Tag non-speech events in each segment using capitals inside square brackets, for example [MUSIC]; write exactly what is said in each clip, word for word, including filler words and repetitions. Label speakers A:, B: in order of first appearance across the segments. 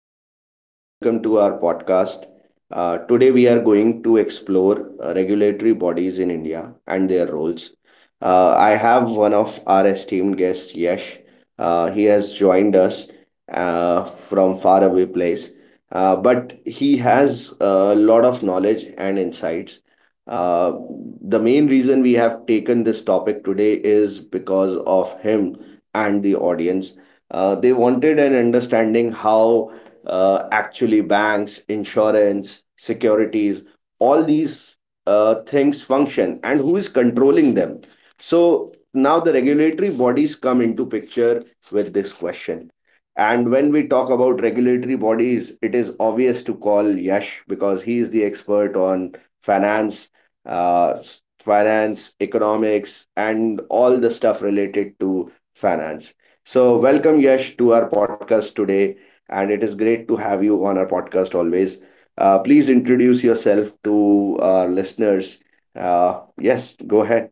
A: friends. Uh, welcome to our podcast. Uh, today, we are going to explore uh, regulatory bodies in India and their roles. Uh, I have one of our esteemed guests, Yash. Uh, he has joined us uh, from far away place, uh, but he has a lot of knowledge and insights. Uh, the main reason we have taken this topic today is because of him and the audience, uh, they wanted an understanding how uh, actually banks, insurance, securities, all these uh, things function and who is controlling them. So now the regulatory bodies come into picture with this question. And when we talk about regulatory bodies, it is obvious to call Yash because he is the expert on finance, uh, finance, economics, and all the stuff related to finance. So, welcome Yash to our podcast today, and it is great to have you on our podcast always. Uh, please introduce yourself to our listeners. Uh, yes, go ahead.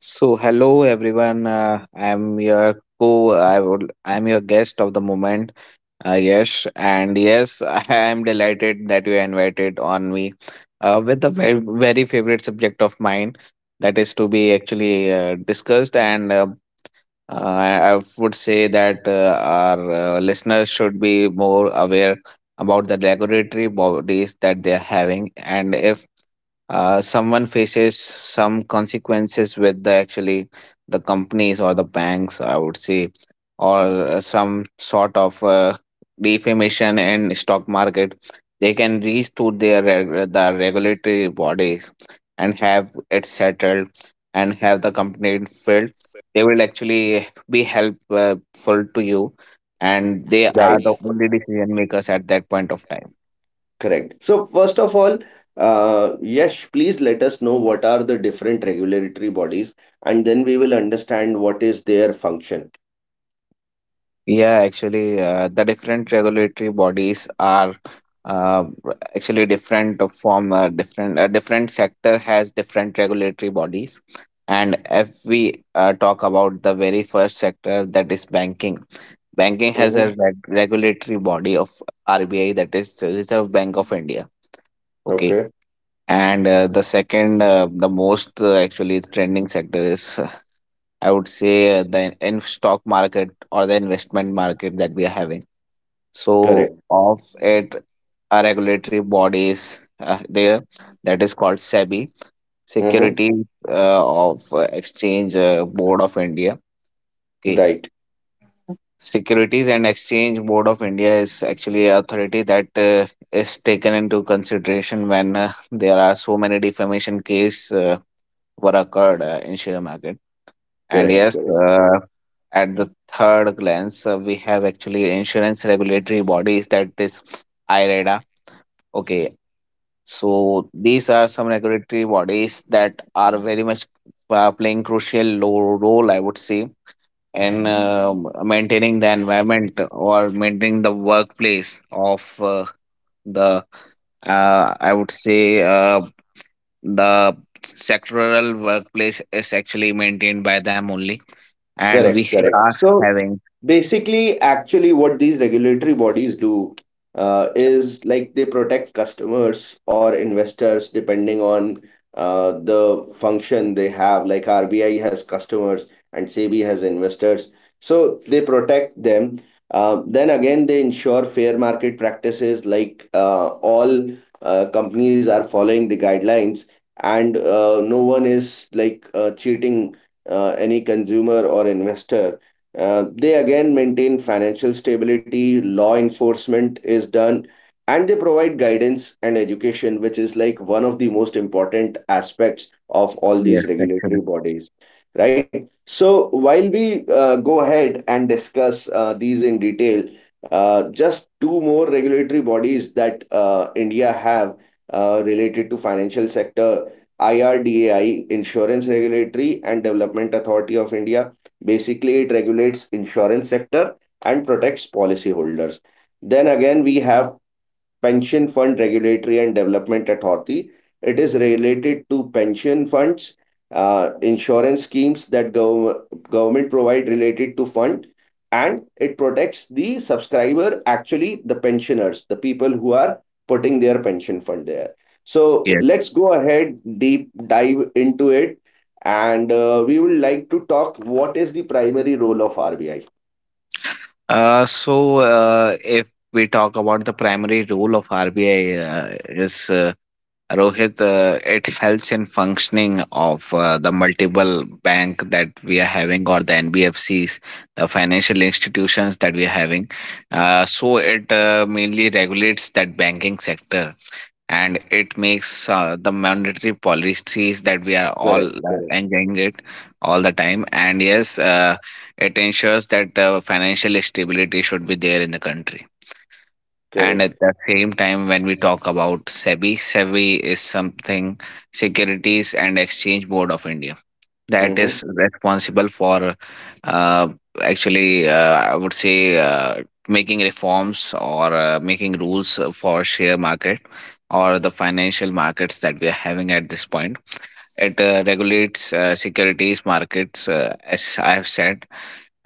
B: So hello everyone. Uh, I'm your co. I would. I'm your guest of the moment, uh, Yash, and yes, [LAUGHS] I am delighted that you invited on me, uh, with a very very favorite subject of mine, that is to be actually uh, discussed, and uh, uh, I I would say that uh, our uh, listeners should be more aware about the regulatory bodies that they are having, and if uh, someone faces some consequences with the actually the companies or the banks, I would say, or uh, some sort of uh, defamation in stock market. They can reach to their reg- the regulatory bodies and have it settled, and have the complaint filled. They will actually be helpful to you, and they are the
A: Right.
B: only decision makers at that point of time.
A: Correct. So, first of all, uh, Yash, please let us know what are the different regulatory bodies, and then we will understand what is their function.
B: Yeah, actually, uh, the different regulatory bodies are uh, actually different from uh, different uh, different sector has different regulatory bodies. And if we uh, talk about the very first sector, that is banking, banking has a
A: Mm-hmm.
B: reg- regulatory body of R B I, that is the Reserve Bank of India. Okay,
A: Okay.
B: and uh, the second, uh, the most uh, actually trending sector is uh, I would say uh, the in stock market or the investment market that we are having. So
A: Correct.
B: of it, a regulatory bodies uh, there, that is called SEBI,
A: Mm-hmm.
B: Security uh, of uh, Exchange uh, Board of India. Okay,
A: Right.
B: Securities and Exchange Board of India is actually a authority that uh, is taken into consideration when uh, there are so many defamation case uh, were occurred uh, in share market. And
A: Correct.
B: yes,
A: Correct.
B: uh, at the third glance, uh, we have actually insurance regulatory bodies, that is I R D A. Okay, so these are some regulatory bodies that are very much uh, playing crucial lo- role, I would say, in um maintaining the environment or maintaining the workplace of uh, the, uh, I would say, uh, the sectoral workplace is actually maintained by them only, and we
A: Correct. Correct.
B: are
A: So
B: having,
A: basically, actually, what these regulatory bodies do uh, is like they protect customers or investors depending on uh, the function they have. Like R B I has customers and SEBI has investors. So they protect them. Uh, then again, they ensure fair market practices like uh, all uh, companies are following the guidelines, and uh, no one is like uh, cheating uh, any consumer or investor. Uh, they again maintain financial stability, law enforcement is done, and they provide guidance and education, which is like one of the most important aspects of all
B: yes,
A: these
B: actually.
A: regulatory bodies, right? So, while we uh, go ahead and discuss uh, these in detail, uh, just two more regulatory bodies that uh, India have uh, related to financial sector: IRDAI, Insurance Regulatory and Development Authority of India. Basically, it regulates insurance sector and protects policyholders. Then again, we have Pension Fund Regulatory and Development Authority. It is related to pension funds, uh, insurance schemes that gov- government provide related to fund, and it protects the subscriber, actually the pensioners, the people who are putting their pension fund there. So
B: Yes.
A: let's go ahead, deep dive into it, and uh, we would like to talk what is the primary role of R B I.
B: Uh, so uh, if we talk about the primary role of R B I uh, is. Uh, Rohit, uh, it helps in functioning of uh, the multiple bank that we are having or the N B F Cs, the financial institutions that we are having. Uh, so it uh, mainly regulates that banking sector, and it makes uh, the monetary policies that we are all
A: Correct,
B: uh, enjoying it all the time. And yes, uh, it ensures that uh, financial stability should be there in the country. And
A: correct,
B: at the same time, when we talk about SEBI, SEBI is something, Securities and Exchange Board of India, that
A: correct.
B: is responsible for uh, actually, uh, I would say, uh, making reforms or uh, making rules uh, for share market or the financial markets that we are having at this point. It uh, regulates uh, securities markets, uh, as I have said,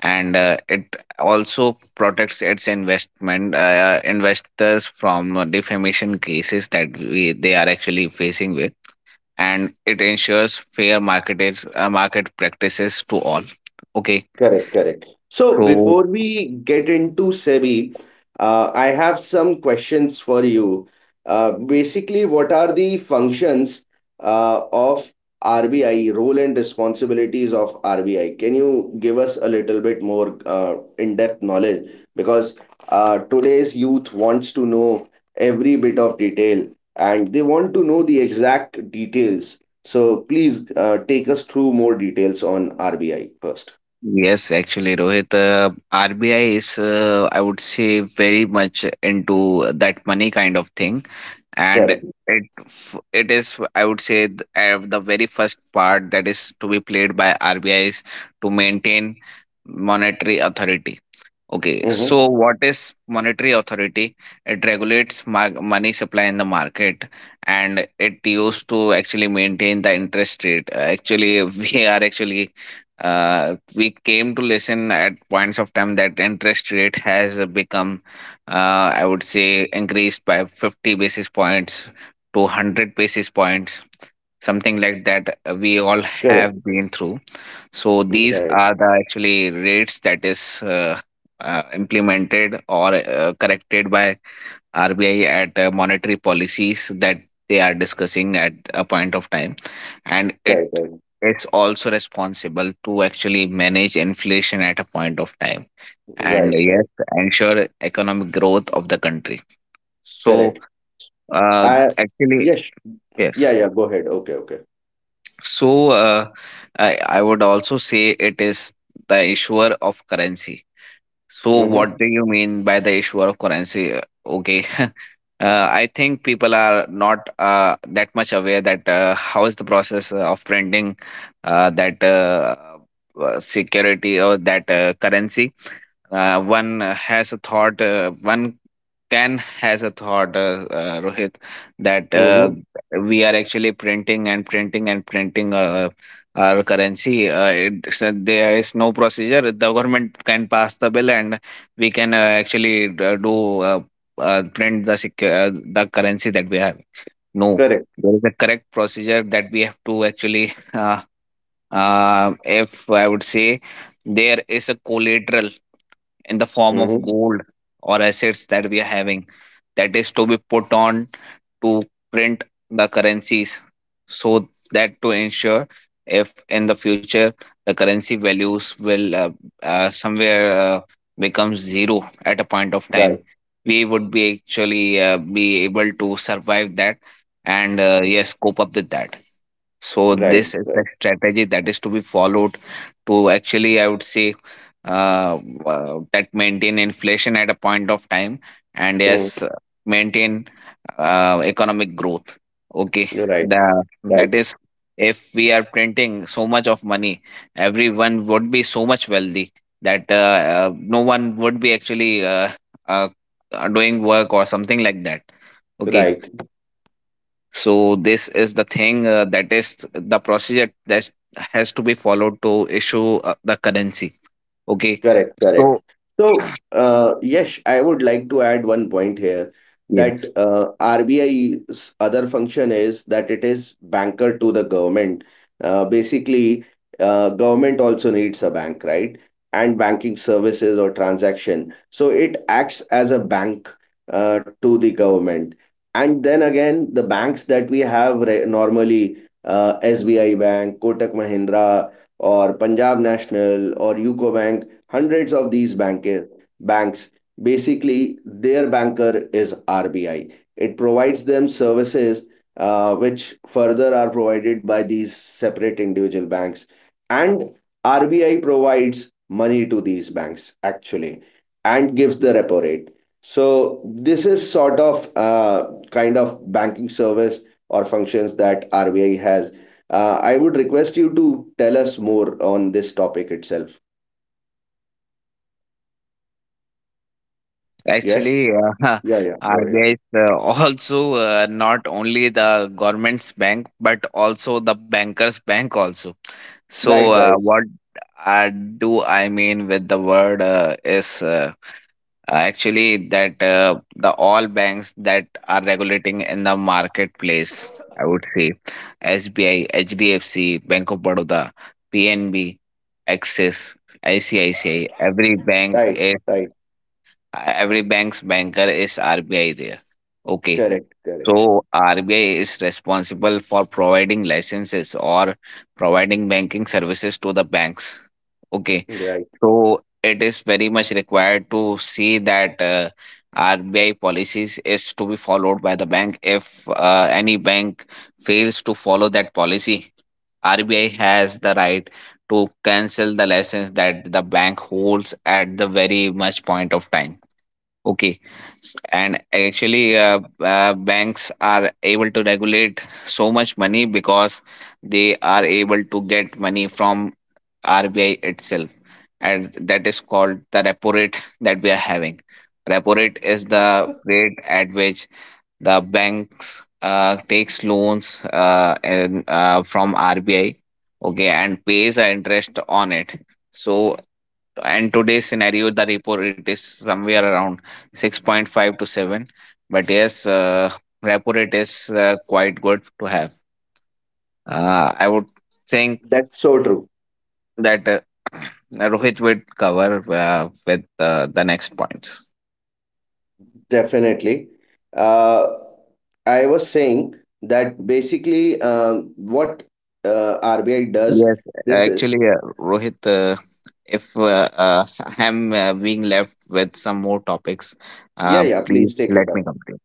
B: and uh, it also protects its investment uh, investors from uh, defamation cases that we, they are actually facing with, and it ensures fair market is, uh, market practices to all. Okay,
A: Correct, correct. So
B: so
A: before we get into SEBI, uh, I have some questions for you. Uh, basically, what are the functions uh, of R B I, role and responsibilities of R B I? Can you give us a little bit more uh, in-depth knowledge? Because uh, today's youth wants to know every bit of detail and they want to know the exact details. So please uh, take us through more details on R B I first.
B: yes, actually, Rohit, uh, R B I is, uh, I would say, very much into that money kind of thing, and
A: Correct.
B: it f- it is, I would say, th- uh, the very first part that is to be played by R B I is to maintain monetary authority. Okay,
A: Mm-hmm.
B: so what is monetary authority? It regulates mar- money supply in the market, and it used to actually maintain the interest rate. Uh, Actually, [LAUGHS] we are actually, uh, we came to listen at points of time that interest rate has become, uh, I would say, increased by fifty basis points to one hundred basis points, something like that. uh, We all
A: Correct.
B: have been through, so
A: Right.
B: these are the actually rates that is uh, uh, implemented or uh, corrected by R B I at uh, monetary policies that they are discussing at a point of time, and
A: Right.
B: it
A: Right.
B: is also responsible to actually manage inflation at a point of time, and
A: Right. Right.
B: yes, ensure economic growth of the country. so
A: Correct.
B: uh,
A: I,
B: actually
A: yes. Yeah.
B: yes
A: Yeah. Go ahead. Okay. Okay.
B: so uh, I, I would also say it is the issuer of currency. So
A: Mm-hmm.
B: what do you mean by the issuer of currency? Okay, [LAUGHS] uh, I think people are not uh, that much aware that uh, how is the process uh, of printing uh, that uh, uh, security or that uh, currency. Uh, one uh, has a thought. Uh, one can has a thought, uh, uh, Rohit, that uh,
A: Mm-hmm.
B: we are actually printing and printing and printing. Uh, our currency. Uh, it's, uh, there is no procedure. The government can pass the bill, and we can uh, actually d- do uh, uh, print the sec- uh, the currency that we have. No,
A: Correct.
B: there is a correct procedure that we have to actually. Uh, uh, if I would say, there is a collateral in the form
A: Mm-hmm.
B: of gold or assets that we are having, that is to be put on to print the currencies, so that to ensure if in the future the currency values will uh, uh, somewhere uh, becomes zero at a point of
A: Right.
B: time, we would be actually uh, be able to survive that, and uh, yes, cope up with that. So
A: Right.
B: this is
A: Right.
B: the strategy that is to be followed to actually, I would say, uh, uh, that maintain inflation at a point of time, and
A: Mm.
B: yes, uh, maintain uh, economic growth. Okay,
A: You're right.
B: the
A: Right.
B: that is if we are printing so much of money, everyone would be so much wealthy that uh, uh, no one would be actually uh, uh, uh, doing work or something like that. Okay,
A: Right.
B: so this is the thing uh, that is the procedure that has to be followed to issue uh, the currency. Okay.
A: Correct, correct.
B: So
A: So, uh, Yash, I would like to add one point here that
B: yes,
A: uh, RBI's other function is that it is banker to the government. Uh, basically, uh, government also needs a bank, right? And banking services or transaction. So it acts as a bank uh, to the government. And then again, the banks that we have re normally, uh, S B I Bank, Kotak Mahindra, or Punjab National, or UCO Bank, hundreds of these banker, banks, basically their banker is R B I. It provides them services uh, which further are provided by these separate individual banks, and R B I provides money to these banks actually and gives the repo rate. So this is sort of uh, kind of banking service or functions that R B I has. Uh, I would request you to tell us more on this topic itself. Yes.
B: actually, uh,
A: Yeah, yeah,
B: [LAUGHS] I
A: go ahead.
B: guess uh, also uh, not only the government's bank, but also the bankers' bank also. So
A: Right,
B: uh,
A: right,
B: what I do I mean with the word uh, is uh, Uh, Actually, that uh, the all banks that are regulating in the marketplace, I would say S B I, H D F C, Bank of Baroda, PNB, Axis, ICICI. Every bank
A: right,
B: is
A: right.
B: every bank's banker is R B I there. Okay,
A: Correct, correct.
B: so R B I is responsible for providing licenses or providing banking services to the banks. Okay,
A: Right.
B: so it is very much required to see that uh, R B I policies is to be followed by the bank. If uh, any bank fails to follow that policy, R B I has the right to cancel the license that the bank holds at the very much point of time. Okay, S- and actually, uh, uh, banks are able to regulate so much money because they are able to get money from R B I itself, and that is called the repo rate that we are having. Repo rate is the rate at which the banks uh, takes loans uh, and, uh, from R B I, okay, and pays the interest on it. So, and today's scenario, the repo rate is somewhere around six point five to seven. But yes, uh, repo rate is uh, quite good to have. Uh, I would think
A: That's so true.
B: that uh, [CLEARS THROAT] Rohit would cover uh, with uh, the next points.
A: Definitely. Uh, I was saying that basically um, what uh, R B I does,
B: Yes,
A: this is,
B: actually, uh, Rohit, uh, if uh, uh, I'm uh, being left with some more topics,
A: yeah,
B: uh,
A: yeah,
B: please
A: please take it
B: let me
A: up.
B: complete.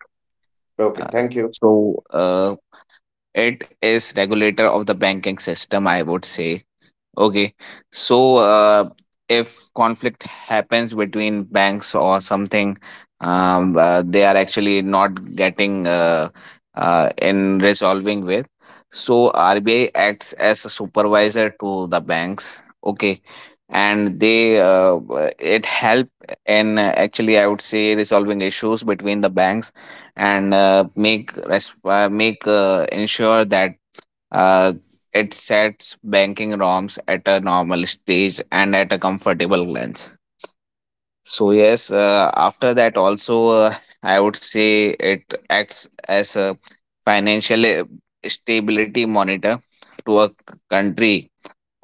A: Okay,
B: Uh,
A: thank you.
B: so, uh, it is regulator of the banking system, I would say. Okay. So, uh, if conflict happens between banks or something, um, uh, they are actually not getting uh, uh, in resolving with. So, R B I acts as a supervisor to the banks. Okay. And they, uh, uh, it help in uh, actually, I would say, resolving issues between the banks, and uh, make, resp- uh, make, uh, ensure that uh, it sets banking ROMs at a normal stage and at a comfortable glance. So yes, uh, after that also, uh, I would say it acts as a financial uh, stability monitor to a c- country.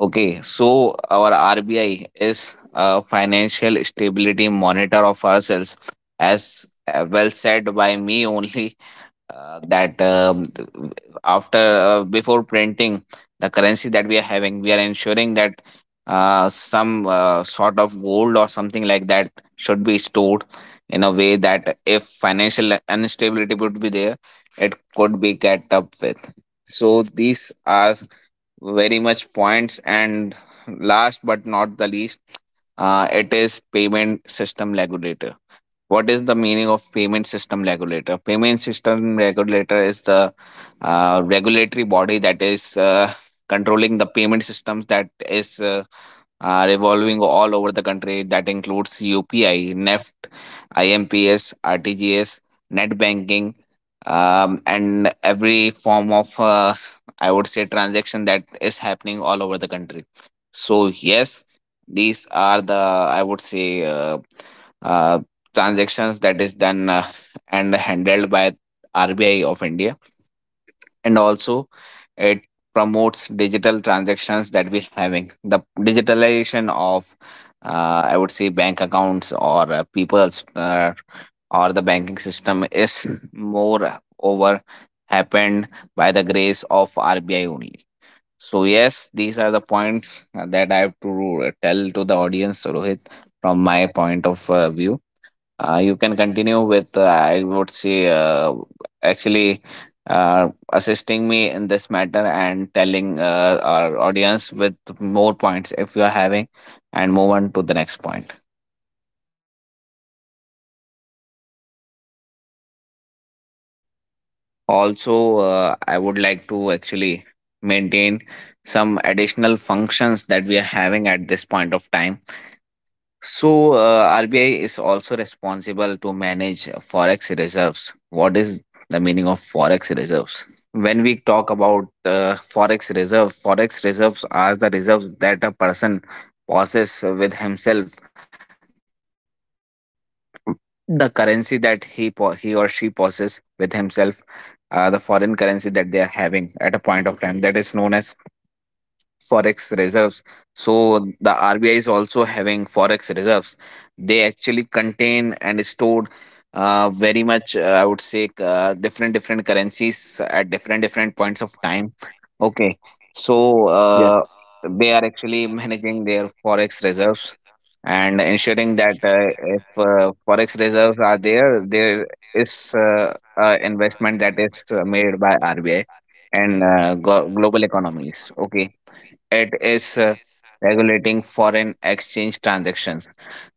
B: Okay, so our R B I is a financial stability monitor of ourselves, as uh, well said by me only, uh, that um, th- after uh, before printing the currency that we are having, we are ensuring that uh, some uh, sort of gold or something like that should be stored in a way that if financial instability would be there, it could be kept up with. So these are very much points, and last but not the least, uh, it is payment system regulator. What is the meaning of payment system regulator? Payment system regulator is the uh, regulatory body that is uh, controlling the payment systems, that is uh, uh, revolving all over the country. That includes UPI, NEFT, IMPS, RTGS, net banking, um, and every form of uh, I would say transaction that is happening all over the country. So yes, these are the, I would say, uh, uh, transactions that is done uh, and handled by R B I of India. And also, it promotes digital transactions, that we having the digitalization of, uh, I would say, bank accounts or uh, people's, uh, or the banking system is [CLEARS THROAT] more over happened by the grace of R B I only. So yes, these are the points uh, that I have to tell to the audience, Rohit, from my point of uh, view. Uh, you can continue with, uh, I would say, uh, actually uh, assisting me in this matter and telling uh, our audience with more points if you are having, and move on to the next point. Also, uh, I would like to actually maintain some additional functions that we are having at this point of time. So, uh, R B I is also responsible to manage forex reserves. What is the meaning of forex reserves? When we talk about uh, forex reserve, forex reserves are the reserves that a person possesses with himself. The currency that he po- he or she possesses with himself, uh, the foreign currency that they are having at a point of time, that is known as forex reserves. So the R B I is also having forex reserves. They actually contain and stored uh, very much, uh, I would say, uh, different different currencies at different different points of time. Okay. So
A: Yes.
B: uh, they are actually managing their forex reserves and ensuring that uh, if uh, forex reserves are there, there is uh, uh, investment that is uh, made by R B I and uh, go- global economies. Okay. It is uh, regulating foreign exchange transactions.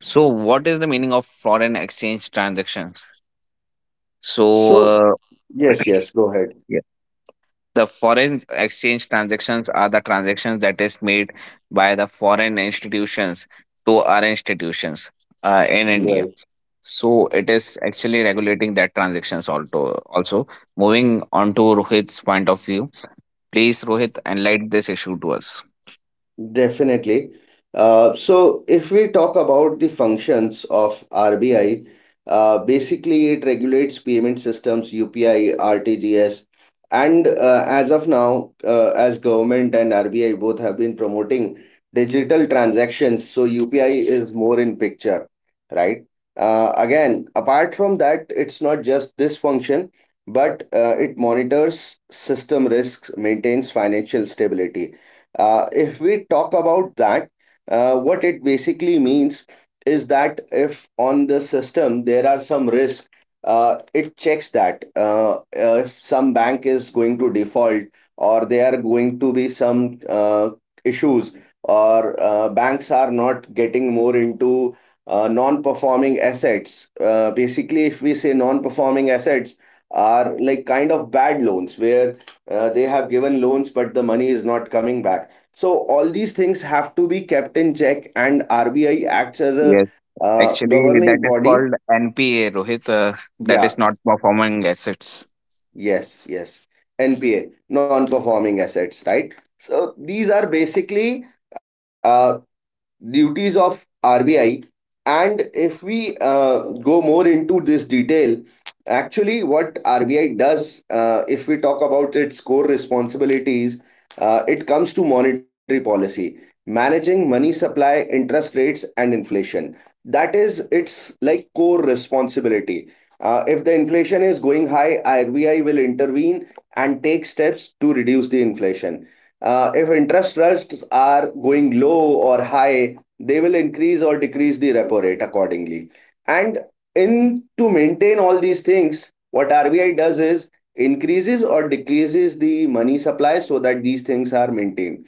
B: So, what is the meaning of foreign exchange transactions? So,
A: So,
B: uh,
A: yes, yes, go ahead.
B: The foreign exchange transactions are the transactions that is made by the foreign institutions to our institutions uh, in India.
A: Right.
B: So it is actually regulating that transactions also. Also, moving on to Rohit's point of view, please Rohit enlighten this issue to us.
A: Definitely. Uh, so, if we talk about the functions of R B I, uh, basically it regulates payment systems, U P I, R T G S, and uh, as of now, uh, as government and R B I both have been promoting digital transactions, so U P I is more in picture, right? Uh, again, apart from that, it's not just this function, but uh, it monitors system risks, maintains financial stability. Uh, if we talk about that, uh, what it basically means is that if on the system there are some risk, uh, it checks that uh, uh, if some bank is going to default or there are going to be some uh, issues or uh, banks are not getting more into uh, non-performing assets. Uh, basically, if we say non-performing assets are like kind of bad loans where uh, they have given loans but the money is not coming back, so all these things have to be kept in check, and R B I acts as a
B: Yes,
A: uh,
B: actually that
A: governing
B: is
A: body.
B: called N P A, Rohit. Uh, that
A: Yeah,
B: is not performing assets.
A: yes, yes. N P A, non-performing assets, right? So these are basically uh, duties of R B I. And if we uh, go more into this detail, actually, what R B I does, uh, if we talk about its core responsibilities, uh, it comes to monetary policy, managing money supply, interest rates, and inflation. That is its like core responsibility. Uh, if the inflation is going high, R B I will intervene and take steps to reduce the inflation. Uh, if interest rates are going low or high, they will increase or decrease the repo rate accordingly. And in to maintain all these things, what R B I does is increases or decreases the money supply so that these things are maintained.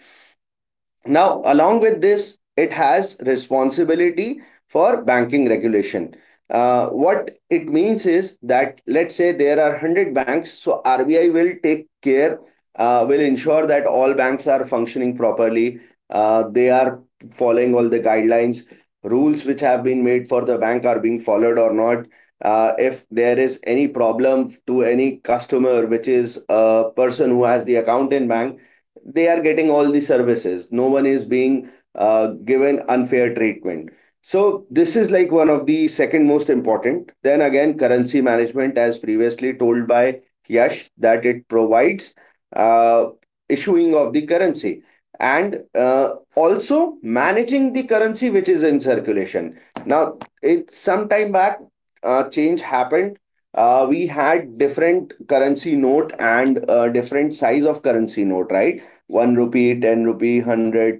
A: Now, along with this, it has responsibility for banking regulation. Uh, what it means is that let's say there are one hundred banks, so R B I will take care, uh, will ensure that all banks are functioning properly, uh, they are following all the guidelines, rules which have been made for the bank are being followed or not. Uh, if there is any problem to any customer, which is a person who has the account in bank, they are getting all the services, no one is being uh, given unfair treatment. So this is like one of the second most important. Then again, currency management, as previously told by Yash, that it provides uh, issuing of the currency, and uh, also managing the currency which is in circulation now. It some time back, uh, change happened. Uh, we had different currency note and uh, different size of currency note, right? one rupee, ten rupee, hundred,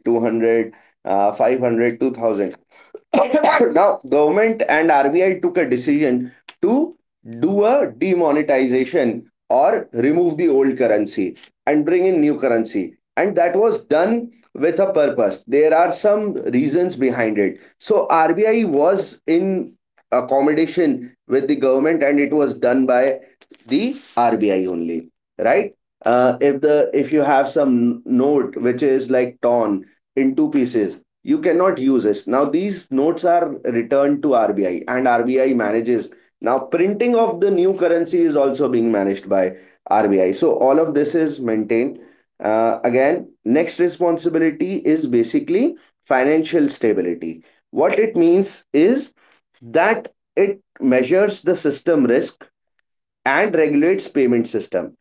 A: uh, five hundred, [LAUGHS] [COUGHS] now government and R B I took a decision to do a demonetization or remove the old currency and bring in new currency, and that was done with a purpose. There are some reasons behind it, so R B I was in accommodation with the government and it was done by the R B I only, right? Uh, if the if you have some note which is like torn in two pieces, you cannot use this. Now these notes are returned to R B I, and R B I manages. Now printing of the new currency is also being managed by R B I, so all of this is maintained. Uh, again, next responsibility is basically financial stability. What it means is that it measures the system risk and regulates payment system.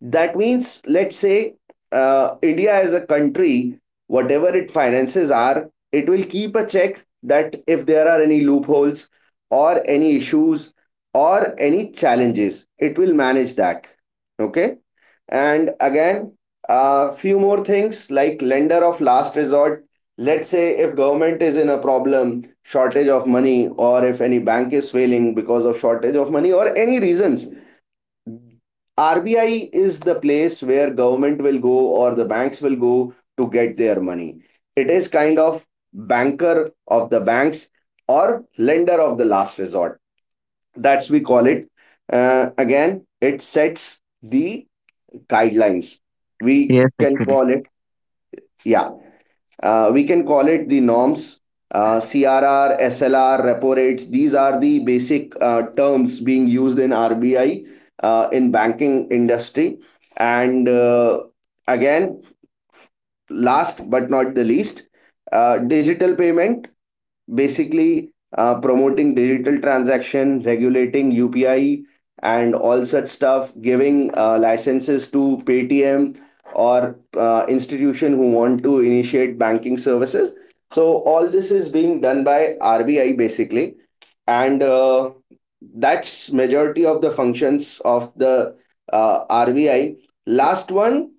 A: That means, let's say, uh, India as a country, whatever it finances are, it will keep a check that if there are any loopholes or any issues or any challenges, it will manage that. Okay. And again, a few more things like lender of last resort. Let's say if government is in a problem, shortage of money, or if any bank is failing because of shortage of money or any reasons, R B I is the place where government will go or the banks will go to get their money. It is kind of banker of the banks or lender of the last resort. That's we call it. Uh, again, it sets the guidelines. We
B: Yes,
A: can
B: actually.
A: call it, yeah, uh, we can call it the norms. Uh, C R R, S L R, repo rates, these are the basic uh, terms being used in R B I, uh, in banking industry. And uh, again, last but not the least, uh, digital payment, basically uh, promoting digital transaction, regulating U P I and all such stuff, giving uh, licenses to Paytm or uh, institution who want to initiate banking services. So all this is being done by R B I basically, and uh, that's majority of the functions of the uh, R B I. Last one,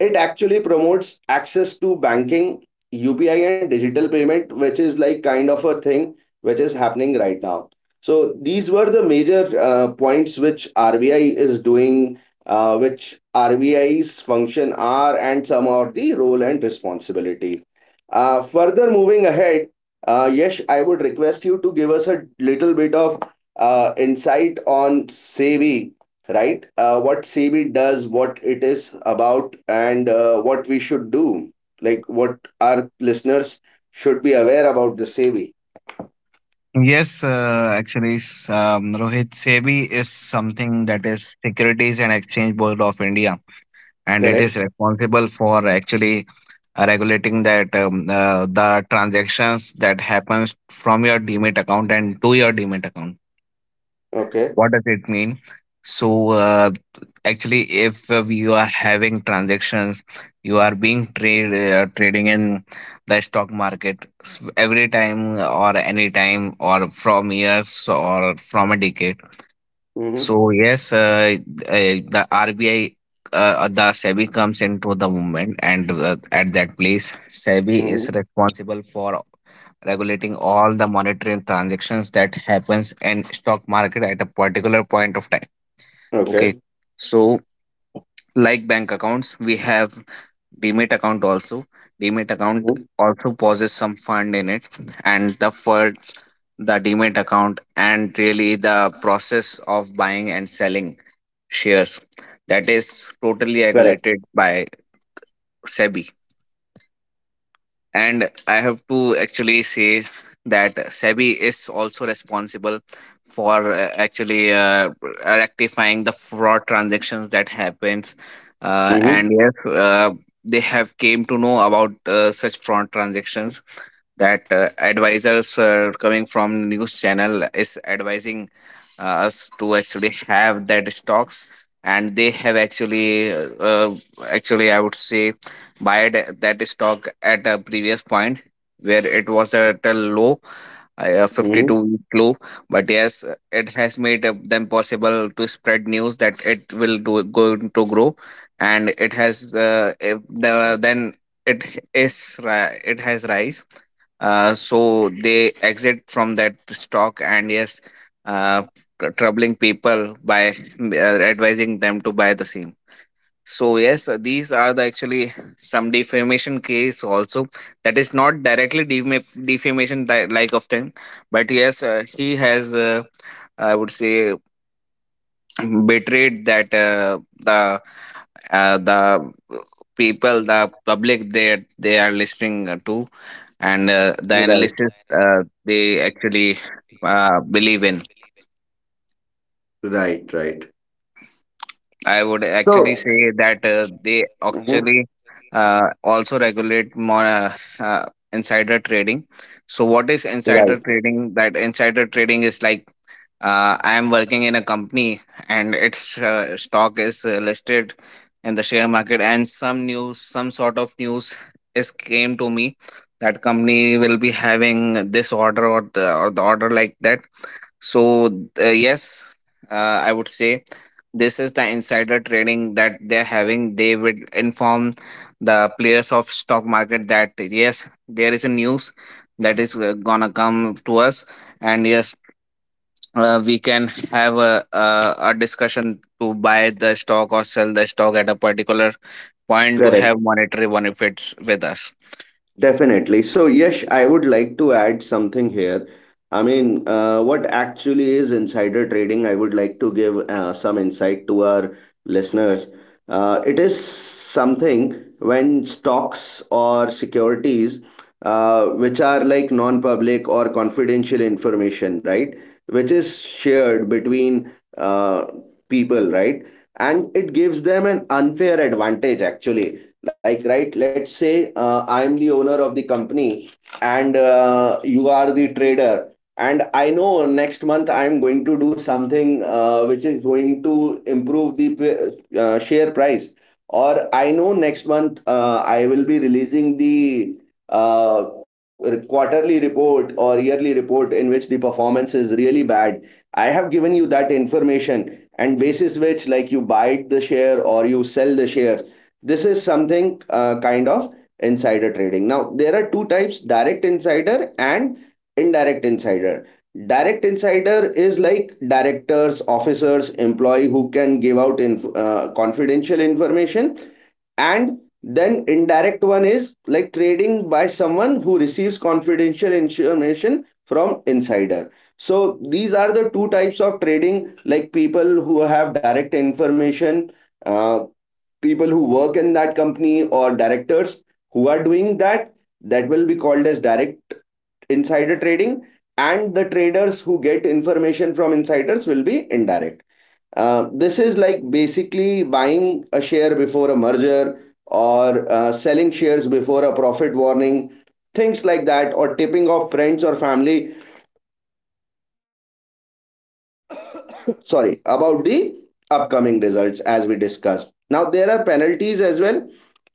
A: it actually promotes access to banking, U P I, and digital payment, which is like kind of a thing which is happening right now. So these were the major uh, points which R B I is doing, uh, which RBI's function are, and some of the role and responsibilities. Uh, further moving ahead, uh, Yash, I would request you to give us a little bit of uh, insight on SEBI, right? Uh, what SEBI does, what it is about, and uh, what we should do. Like what our listeners should be aware about the SEBI,
B: Yes, uh, actually, s- um, Rohit, S E B I is something that is Securities and Exchange Board of India, and it is
A: correct?
B: responsible for actually uh, regulating that um, uh, the transactions that happens from your demat account and to your demat account.
A: Okay.
B: What does it mean? So, uh, actually, if uh, you are having transactions, you are being trade uh, trading in the stock market s- every time or any time or from years or from a decade.
A: Mm-hmm.
B: So yes, uh, uh, the R B I, uh, uh, the S E B I comes into the movement, and uh, at that place, S E B I is
A: Mm-hmm.
B: responsible for regulating all the monetary transactions that happens in stock market at a particular point of time. Okay,
A: Okay.
B: so like bank accounts, we have demat account also. Demat account
A: Mhm.
B: also possesses some fund in it, and the funds, the demat account, and really the process of buying and selling shares, that is totally
A: Correct.
B: regulated by S E B I. And I have to actually say that S E B I is also responsible for uh, actually uh, rectifying the fraud transactions that happens. Uh,
A: Mm-hmm.
B: and yes, uh, they have came to know about uh, such fraud transactions that uh, advisors uh, coming from news channel is advising uh, us to actually have that stocks, and they have actually uh, uh, actually, I would say, buy that stock at a previous point where it was at a low, uh,
A: Mm-hmm.
B: fifty-two week low. But yes, it has made uh, them possible to spread news that it will do, going to grow. And it has uh, if the, then it is ri- it has rise, uh, so they exit from that stock. And yes, uh, tr- troubling people by mm, uh, advising them to buy the same. So yes, uh, these are the actually some defamation case also, that is not directly defam- defamation di- like of them. But yes, uh, he has, uh, I would say, betrayed that uh, the uh, the people, the public that they are listening to, and uh, the
A: Right.
B: analysis uh, they actually uh, believe in.
A: Right. Right.
B: I would actually
A: So,
B: say that uh, they
A: mhm,
B: actually uh, also regulate more uh, uh, insider trading. So what is
A: right.
B: insider trading? That insider trading is like uh, I am working in a company, and its uh, stock is uh, listed in the share market, and some news, some sort of news is came to me that company will be having this order, or the, or the order like that. So uh, yes, uh, I would say this is the insider trading that they're having. They would inform the players of stock market that yes, there is a news that is uh, gonna come to us, and yes, uh, we can have a, a a discussion to buy the stock or sell the stock at a particular point to
A: Correct.
B: have monetary benefits with us.
A: Definitely. So, Yash, I would like to add something here. I mean, uh, what actually is insider trading? I would like to give uh, some insight to our listeners. Uh, it is something when stocks or securities, uh, which are like non-public or confidential information, right, which is shared between uh, people, right, and it gives them an unfair advantage actually. Like, right, let's say uh, I am the owner of the company and uh, you are the trader, and I know next month I am going to do something uh, which is going to improve the p- uh, share price, or I know next month uh, I will be releasing the uh, re- quarterly report or yearly report in which the performance is really bad. I have given you that information, and basis which, like, you buy the share or you sell the shares. This is something uh, kind of insider trading. Now, there are two types: direct insider and indirect insider. Direct insider is like directors, officers, employee who can give out inf- uh, confidential information, and then indirect one is like trading by someone who receives confidential information from insider. So these are the two types of trading. Like, people who have direct information, uh, people who work in that company or directors who are doing that, that will be called as direct insider trading, and the traders who get information from insiders will be indirect. Uh, this is like basically buying a share before a merger or uh, selling shares before a profit warning, things like that, or tipping off friends or family. [COUGHS] [LAUGHS] Sorry about the upcoming results. As we discussed, now there are penalties as well,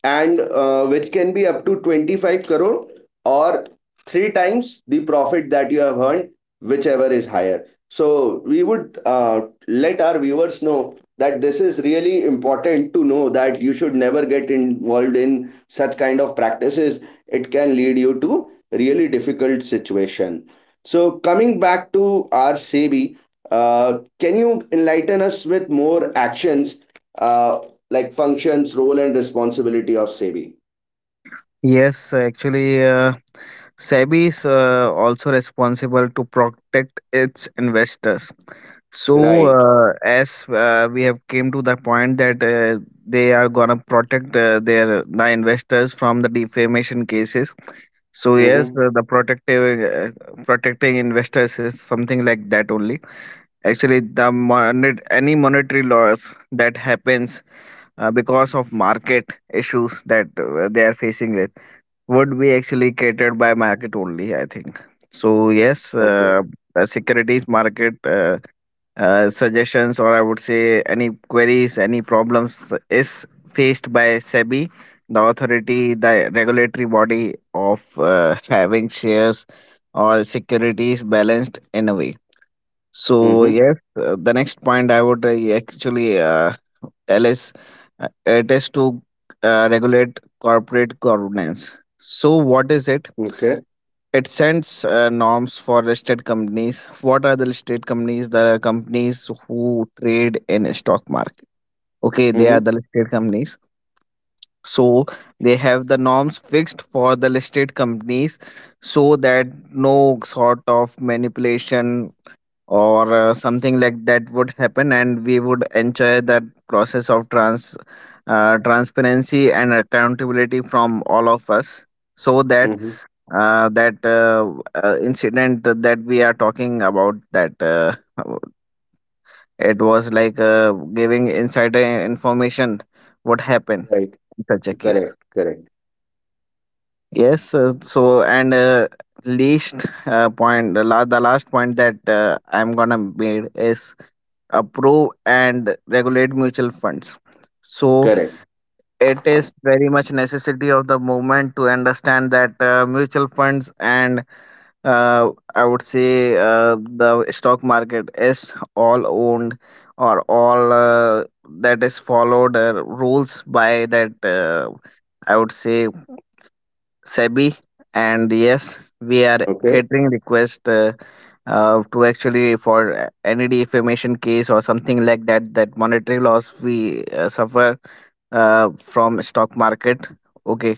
A: and uh, which can be up to twenty-five crore or three times the profit that you have earned, whichever is higher. So we would uh, let our viewers know that this is really important to know that you should never get involved in such kind of practices. It can lead you to really difficult situation. So coming back to our SEBI, uh, can you enlighten us with more actions, uh, like functions, role, and responsibility of SEBI?
B: Yes, so actually, uh, S E B I is uh, also responsible to protect its investors. So,
A: Right.
B: uh, as uh, we have came to the point that uh, they are gonna protect uh, their the investors from the defamation cases. So yes,
A: Mm-hmm.
B: uh, the protective uh, protecting investors is something like that only. Actually, the monet, any monetary loss that happens uh, because of market issues that uh, they are facing with would be actually catered by market only, I think. So yes,
A: Okay.
B: uh, uh, securities market, uh, uh, suggestions or, I would say, any queries, any problems is faced by SEBI, the authority, the regulatory body of uh, having shares or securities balanced in a way. So
A: Mm-hmm.
B: yes, uh, the next point I would uh, actually uh, tell is uh, it is to uh, regulate corporate governance. So what is it?
A: Okay.
B: It sends uh, norms for listed companies. What are the listed companies? The companies who trade in stock market. Okay, they are
A: Mm-hmm.
B: the listed companies. So they have the norms fixed for the listed companies so that no sort of manipulation or uh, something like that would happen, and we would enjoy that process of trans uh, transparency and accountability from all of us, so that
A: Mm-hmm.
B: uh, that uh, uh, incident that we are talking about, that uh, it was like uh, giving insider information would happen
A: Right.
B: in such a case.
A: Correct. Correct.
B: Yes, uh, so, and uh, least uh, point the la- the last point that uh, I'm gonna made is approve and regulate mutual funds. So
A: Correct.
B: it is very much necessity of the movement to understand that uh, mutual funds and, uh, I would say, uh, the stock market is all owned or all uh, that is followed uh, rules by that, uh, I would say, S E B I, and yes, we are
A: Okay.
B: catering request uh, uh, to actually for uh, any defamation case or something like that. That monetary loss we uh, suffer uh, from stock market. Okay,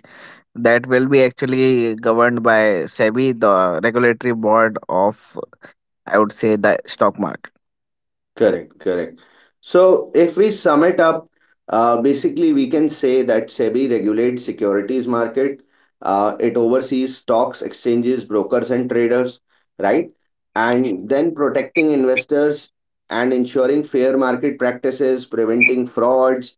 B: that will be actually governed by S E B I, the regulatory board of, I would say, the stock market.
A: Correct, correct. So if we sum it up, uh, basically we can say that SEBI regulates securities market. Uh, it oversees stocks, exchanges, brokers, and traders, right? And then protecting investors and ensuring fair market practices, preventing frauds,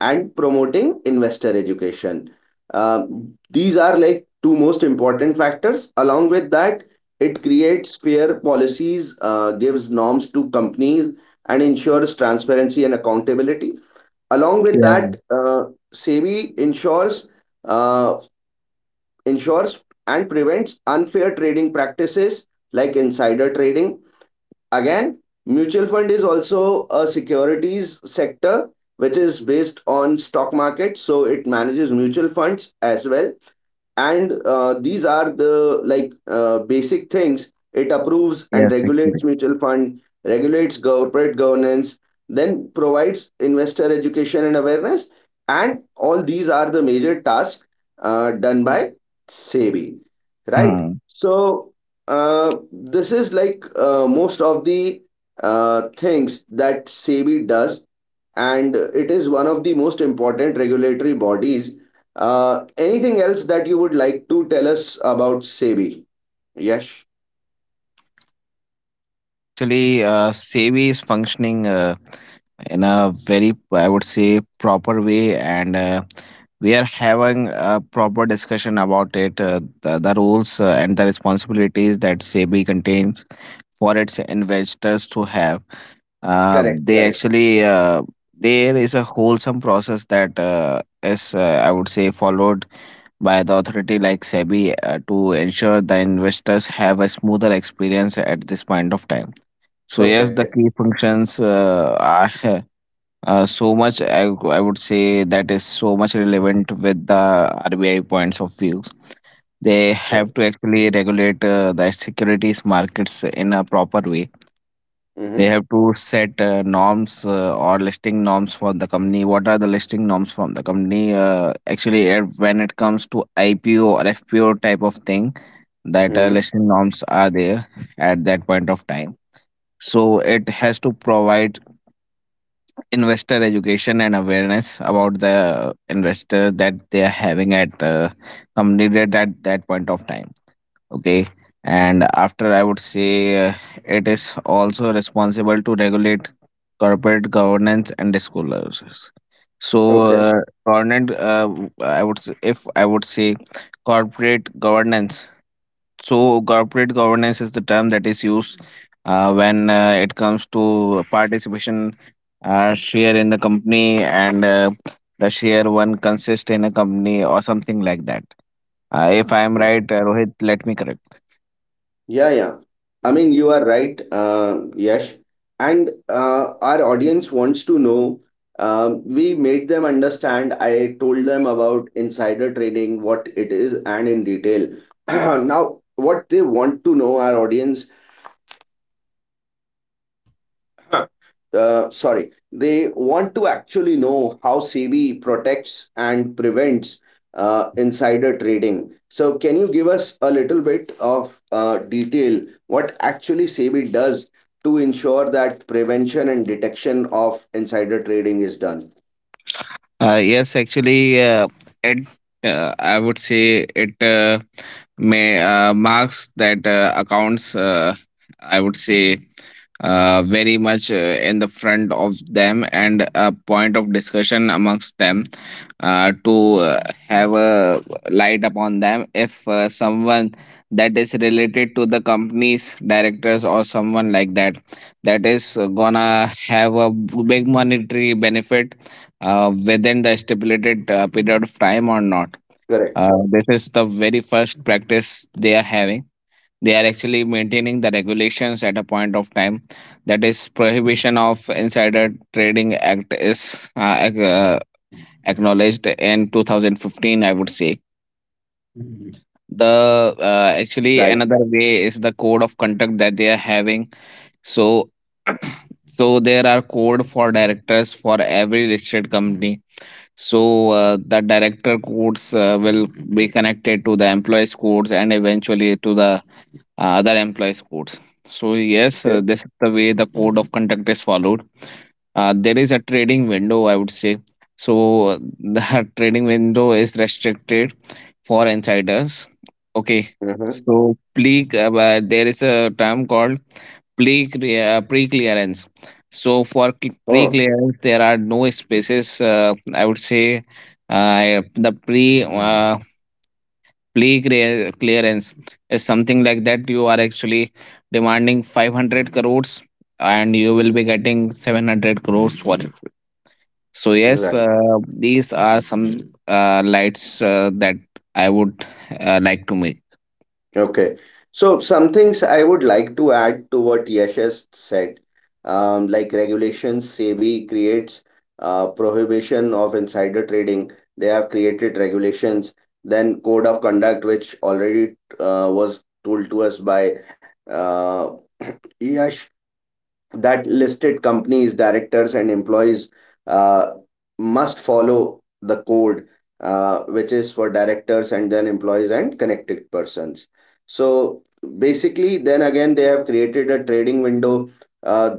A: and promoting investor education. Um, these are like two most important factors. Along with that, it creates fair policies, uh, gives norms to companies, and ensures transparency and accountability. Along with
B: Yeah.
A: that, uh, SEBI ensures uh, ensures and prevents unfair trading practices like insider trading. Again, mutual fund is also a securities sector which is based on stock market, so it manages mutual funds as well. And uh, these are the like uh, basic things. It approves and
B: Yes. Actually.
A: regulates mutual fund, regulates corporate governance, then provides investor education and awareness. And all these are the major tasks uh, done by SEBI, right? So uh, this is like uh, most of the uh, things that SEBI does, and it is one of the most important regulatory bodies. Uh, anything else that you would like to tell us about SEBI? Yes,
B: Actually, uh, S E B I is functioning uh, in a very, I would say, proper way, and uh, we are having a proper discussion about it, uh, the, the rules uh, and the responsibilities that S E B I contains for its investors to have. Uh,
A: correct,
B: they
A: correct.
B: actually, uh, there is a wholesome process that uh, is, uh, I would say, followed by the authority like S E B I uh, to ensure the investors have a smoother experience at this point of time. So yes,
A: Okay,
B: the key functions uh, are [LAUGHS] uh, so much. I, w- I would say that is so much relevant with the R B I points of views. They have
A: correct.
B: to actually regulate uh, the securities markets in a proper way. They
A: Mm-hmm.
B: have to set uh, norms uh, or listing norms for the company. What are the listing norms from the company? Uh, actually, uh, when it comes to I P O or F P O type of thing, that uh,
A: Mm-hmm.
B: listing norms are there at that point of time. So it has to provide investor education and awareness about the investor that they are having at uh, completed at that point of time. Okay. And after, I would say, uh, it is also responsible to regulate corporate governance and disclosures. So
A: Okay.
B: uh, governance, uh, w- I would say, if I would say corporate governance. So, corporate governance is the term that is used uh, when uh, it comes to participation uh, share in the company, and uh, the share one consists in a company or something like that. Uh, if I am right, uh, Rohit, let me correct.
A: Yeah, yeah. I mean, you are right, uh, Yash. And uh, our audience wants to know. Um, we made them understand. I told them about insider trading, what it is, and in detail. [CLEARS THROAT] Now, what they want to know, our audience, uh, sorry, they want to actually know how SEBI protects and prevents uh, insider trading. So, can you give us a little bit of uh, detail what actually SEBI does to ensure that prevention and detection of insider trading is done?
B: Uh, yes, actually, uh, it uh, I would say it uh, may uh, marks that uh, accounts. Uh, I would say uh, very much uh, in the front of them, and a point of discussion amongst them uh, to uh, have a light upon them if uh, someone that is related to the company's directors or someone like that that is gonna have a big monetary benefit uh, within the stipulated uh, period of time or not. Uh,
A: Correct.
B: this is the very first practice they are having. They are actually maintaining the regulations at a point of time. That is, prohibition of insider trading act is uh, ac- uh, acknowledged in twenty fifteen. I would say the, uh, actually,
A: Right.
B: another way is the code of conduct that they are having. So [CLEARS THROAT] so there are code for directors for every listed company. So uh, the director codes uh, will be connected to the employees codes and eventually to the uh, other employees codes. So yes,
A: Okay.
B: uh, this is the way the code of conduct is followed. Uh, there is a trading window, I would say. So uh, the [LAUGHS] trading window is restricted for insiders. Okay,
A: Uh-huh.
B: so pre uh, uh, there is a term called pre uh, pre clearance. So for pre
A: Oh,
B: clearance, there are no spaces. Uh, I would say uh, the pre uh, pre clearance is something like that. You are actually demanding five hundred crores, and you will be getting seven hundred crores for it. So yes,
A: right.
B: uh, these are some uh, lights uh, that I would uh, like to make.
A: Okay. So some things I would like to add to what Yash has said, um, like regulations, SEBI creates uh, prohibition of insider trading. They have created regulations. Then code of conduct, which already uh, was told to us by uh, [CLEARS THROAT] Yash, that listed companies, directors, and employees uh, must follow the code, uh, which is for directors and then employees and connected persons. So basically, then again, they have created a trading window. Uh,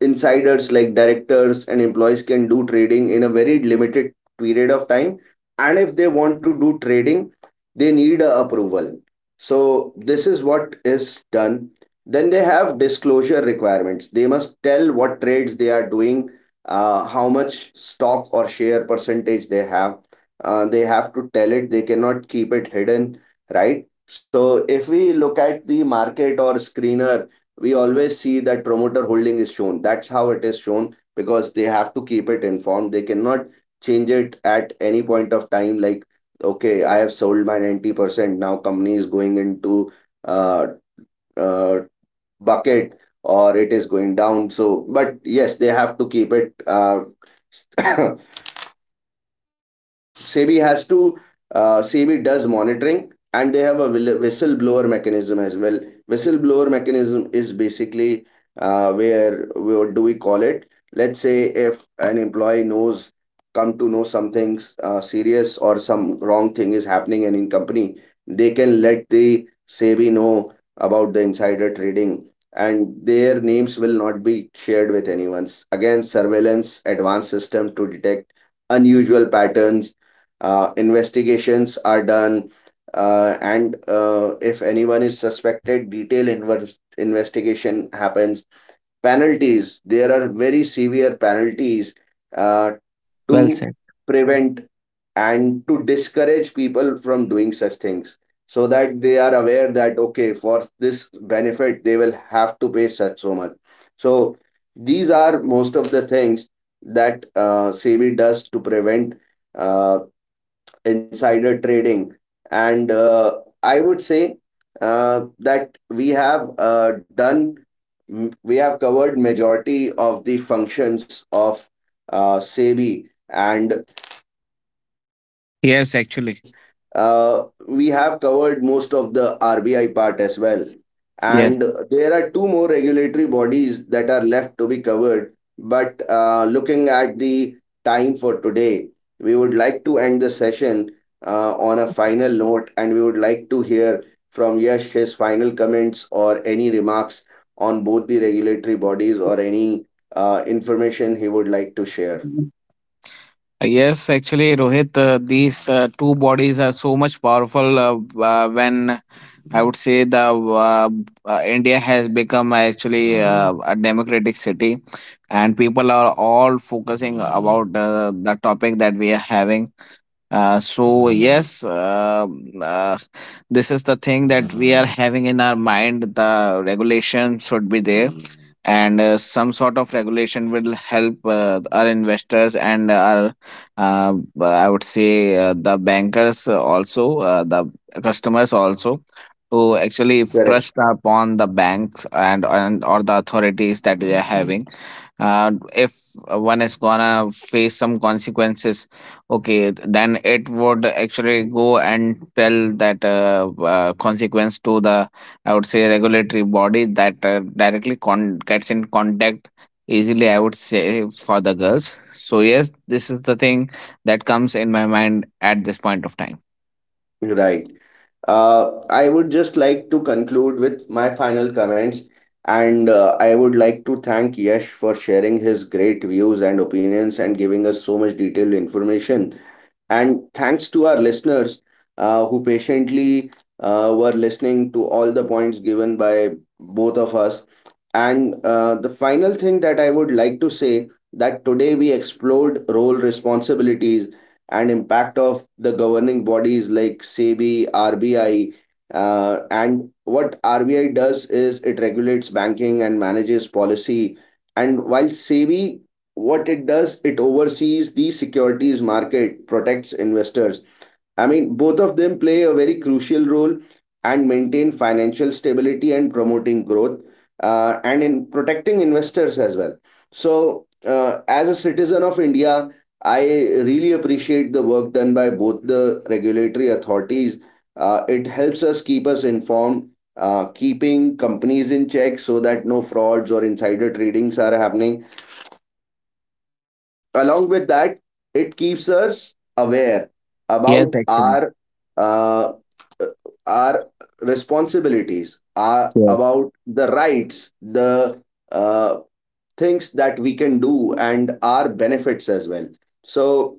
A: Insiders like directors and employees can do trading in a very limited period of time. And if they want to do trading, they need a approval. So this is what is done. Then they have disclosure requirements. They must tell what trades they are doing, uh, how much stock or share percentage they have. Uh, they have to tell it. They cannot keep it hidden, right? So if we look at the market or screener, we always see that promoter holding is shown. That's how it is shown because they have to keep it informed. They cannot change it at any point of time. Like, okay, I have sold my ninety percent. Now company is going into uh, uh, bucket, or it is going down. So, but yes, they have to keep it uh, [COUGHS] SEBI has to uh, SEBI does monitoring and they have a whi- whistleblower mechanism as well. Whistleblower mechanism is basically uh, where, what do we call it? Let's say if an employee knows, come to know something uh, serious or some wrong thing is happening in in company, they can let the SEBI know about the insider trading, and their names will not be shared with anyone. Again, surveillance advanced system to detect unusual patterns. Uh, investigations are done, uh, and uh, if anyone is suspected, detailed inver- investigation happens. Penalties, there are very severe penalties uh,
B: Well
A: to
B: said.
A: prevent and to discourage people from doing such things, so that they are aware that, okay, for this benefit they will have to pay such so much. So these are most of the things that uh, SEBI does to prevent uh, insider trading. And uh, I would say uh, that we have uh, done, m- we have covered majority of the functions of uh, SEBI. And
B: Yes, actually.
A: and uh, we have covered most of the R B I part as well.
B: Yes.
A: And there are two more regulatory bodies that are left to be covered. But uh, looking at the time for today, we would like to end the session uh, on a final note, and we would like to hear from Yash his final comments or any remarks on both the regulatory bodies or any uh, information he would like to share.
B: Yes, actually, Rohit, uh, these uh, two bodies are so much powerful. Uh, uh, when I would say the, uh, uh, India has become actually uh, a democratic city, and people are all focusing about uh, the topic that we are having. Uh, so yes, um uh, this is the thing that we are having in our mind. The regulation should be there, and uh, some sort of regulation will help uh, our investors and our, uh, I would say, uh, the bankers also, uh, the customers also, to actually
A: Correct.
B: trust upon the banks, and and or the authorities that we are having uh, if one is gonna face some consequences. Okay, then it would actually go and tell that uh, uh, consequence to the, I would say, regulatory body that uh, directly con- gets in contact easily, I would say, for the girls. So yes, this is the thing that comes in my mind at this point of time.
A: Right. Uh, I would just like to conclude with my final comments, and uh, I would like to thank Yash for sharing his great views and opinions and giving us so much detailed information. And thanks to our listeners uh, who patiently uh, were listening to all the points given by both of us. And uh, the final thing that I would like to say that today we explored role, responsibilities, and impact of the governing bodies like SEBI, R B I, uh, and what R B I does is it regulates banking and manages policy. And while SEBI, what it does, it oversees the securities market, protects investors. I mean, both of them play a very crucial role and maintain financial stability and promoting growth uh, and in protecting investors as well. So uh, as a citizen of India, I really appreciate the work done by both the regulatory authorities. Uh, it helps us keep us informed, uh, keeping companies in check so that no frauds or insider tradings are happening. Along with that, it keeps us aware
B: Yes,
A: about
B: actually.
A: our uh, uh, our responsibilities, our, about the rights, the uh, things that we can do and our benefits as well. So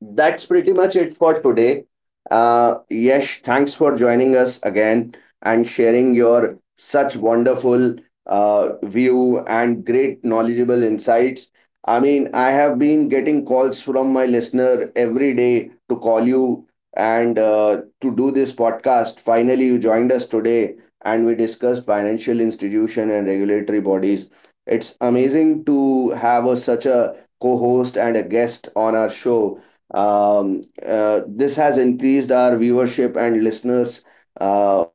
A: that's pretty much it for today. Uh, Yesh, thanks for joining us again and sharing your such wonderful uh, view and great knowledgeable insights. I mean, I have been getting calls from my listener every day to call you and uh, to do this podcast. Finally, you joined us today and we discussed financial institution and regulatory bodies. It's amazing to have a, such a co-host and a guest on our show. Um, uh, this has increased our viewership and listeners uh,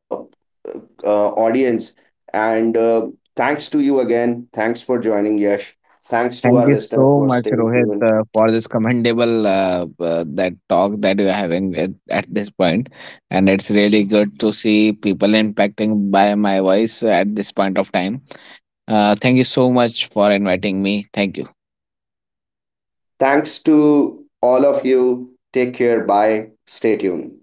A: uh, audience. And uh, thanks to you again. Thanks for joining, Yash. Thanks to
B: Thank
A: our
B: you
A: listeners
B: so
A: for
B: much,
A: staying
B: Rohit,
A: tuned.
B: uh, for this commendable uh, uh, that talk that we are having at, at this point, and it's really good to see people impacting by my voice at this point of time. Uh, thank you so much for inviting me. Thank you.
A: Thanks to all of you. Take care. Bye. Stay tuned.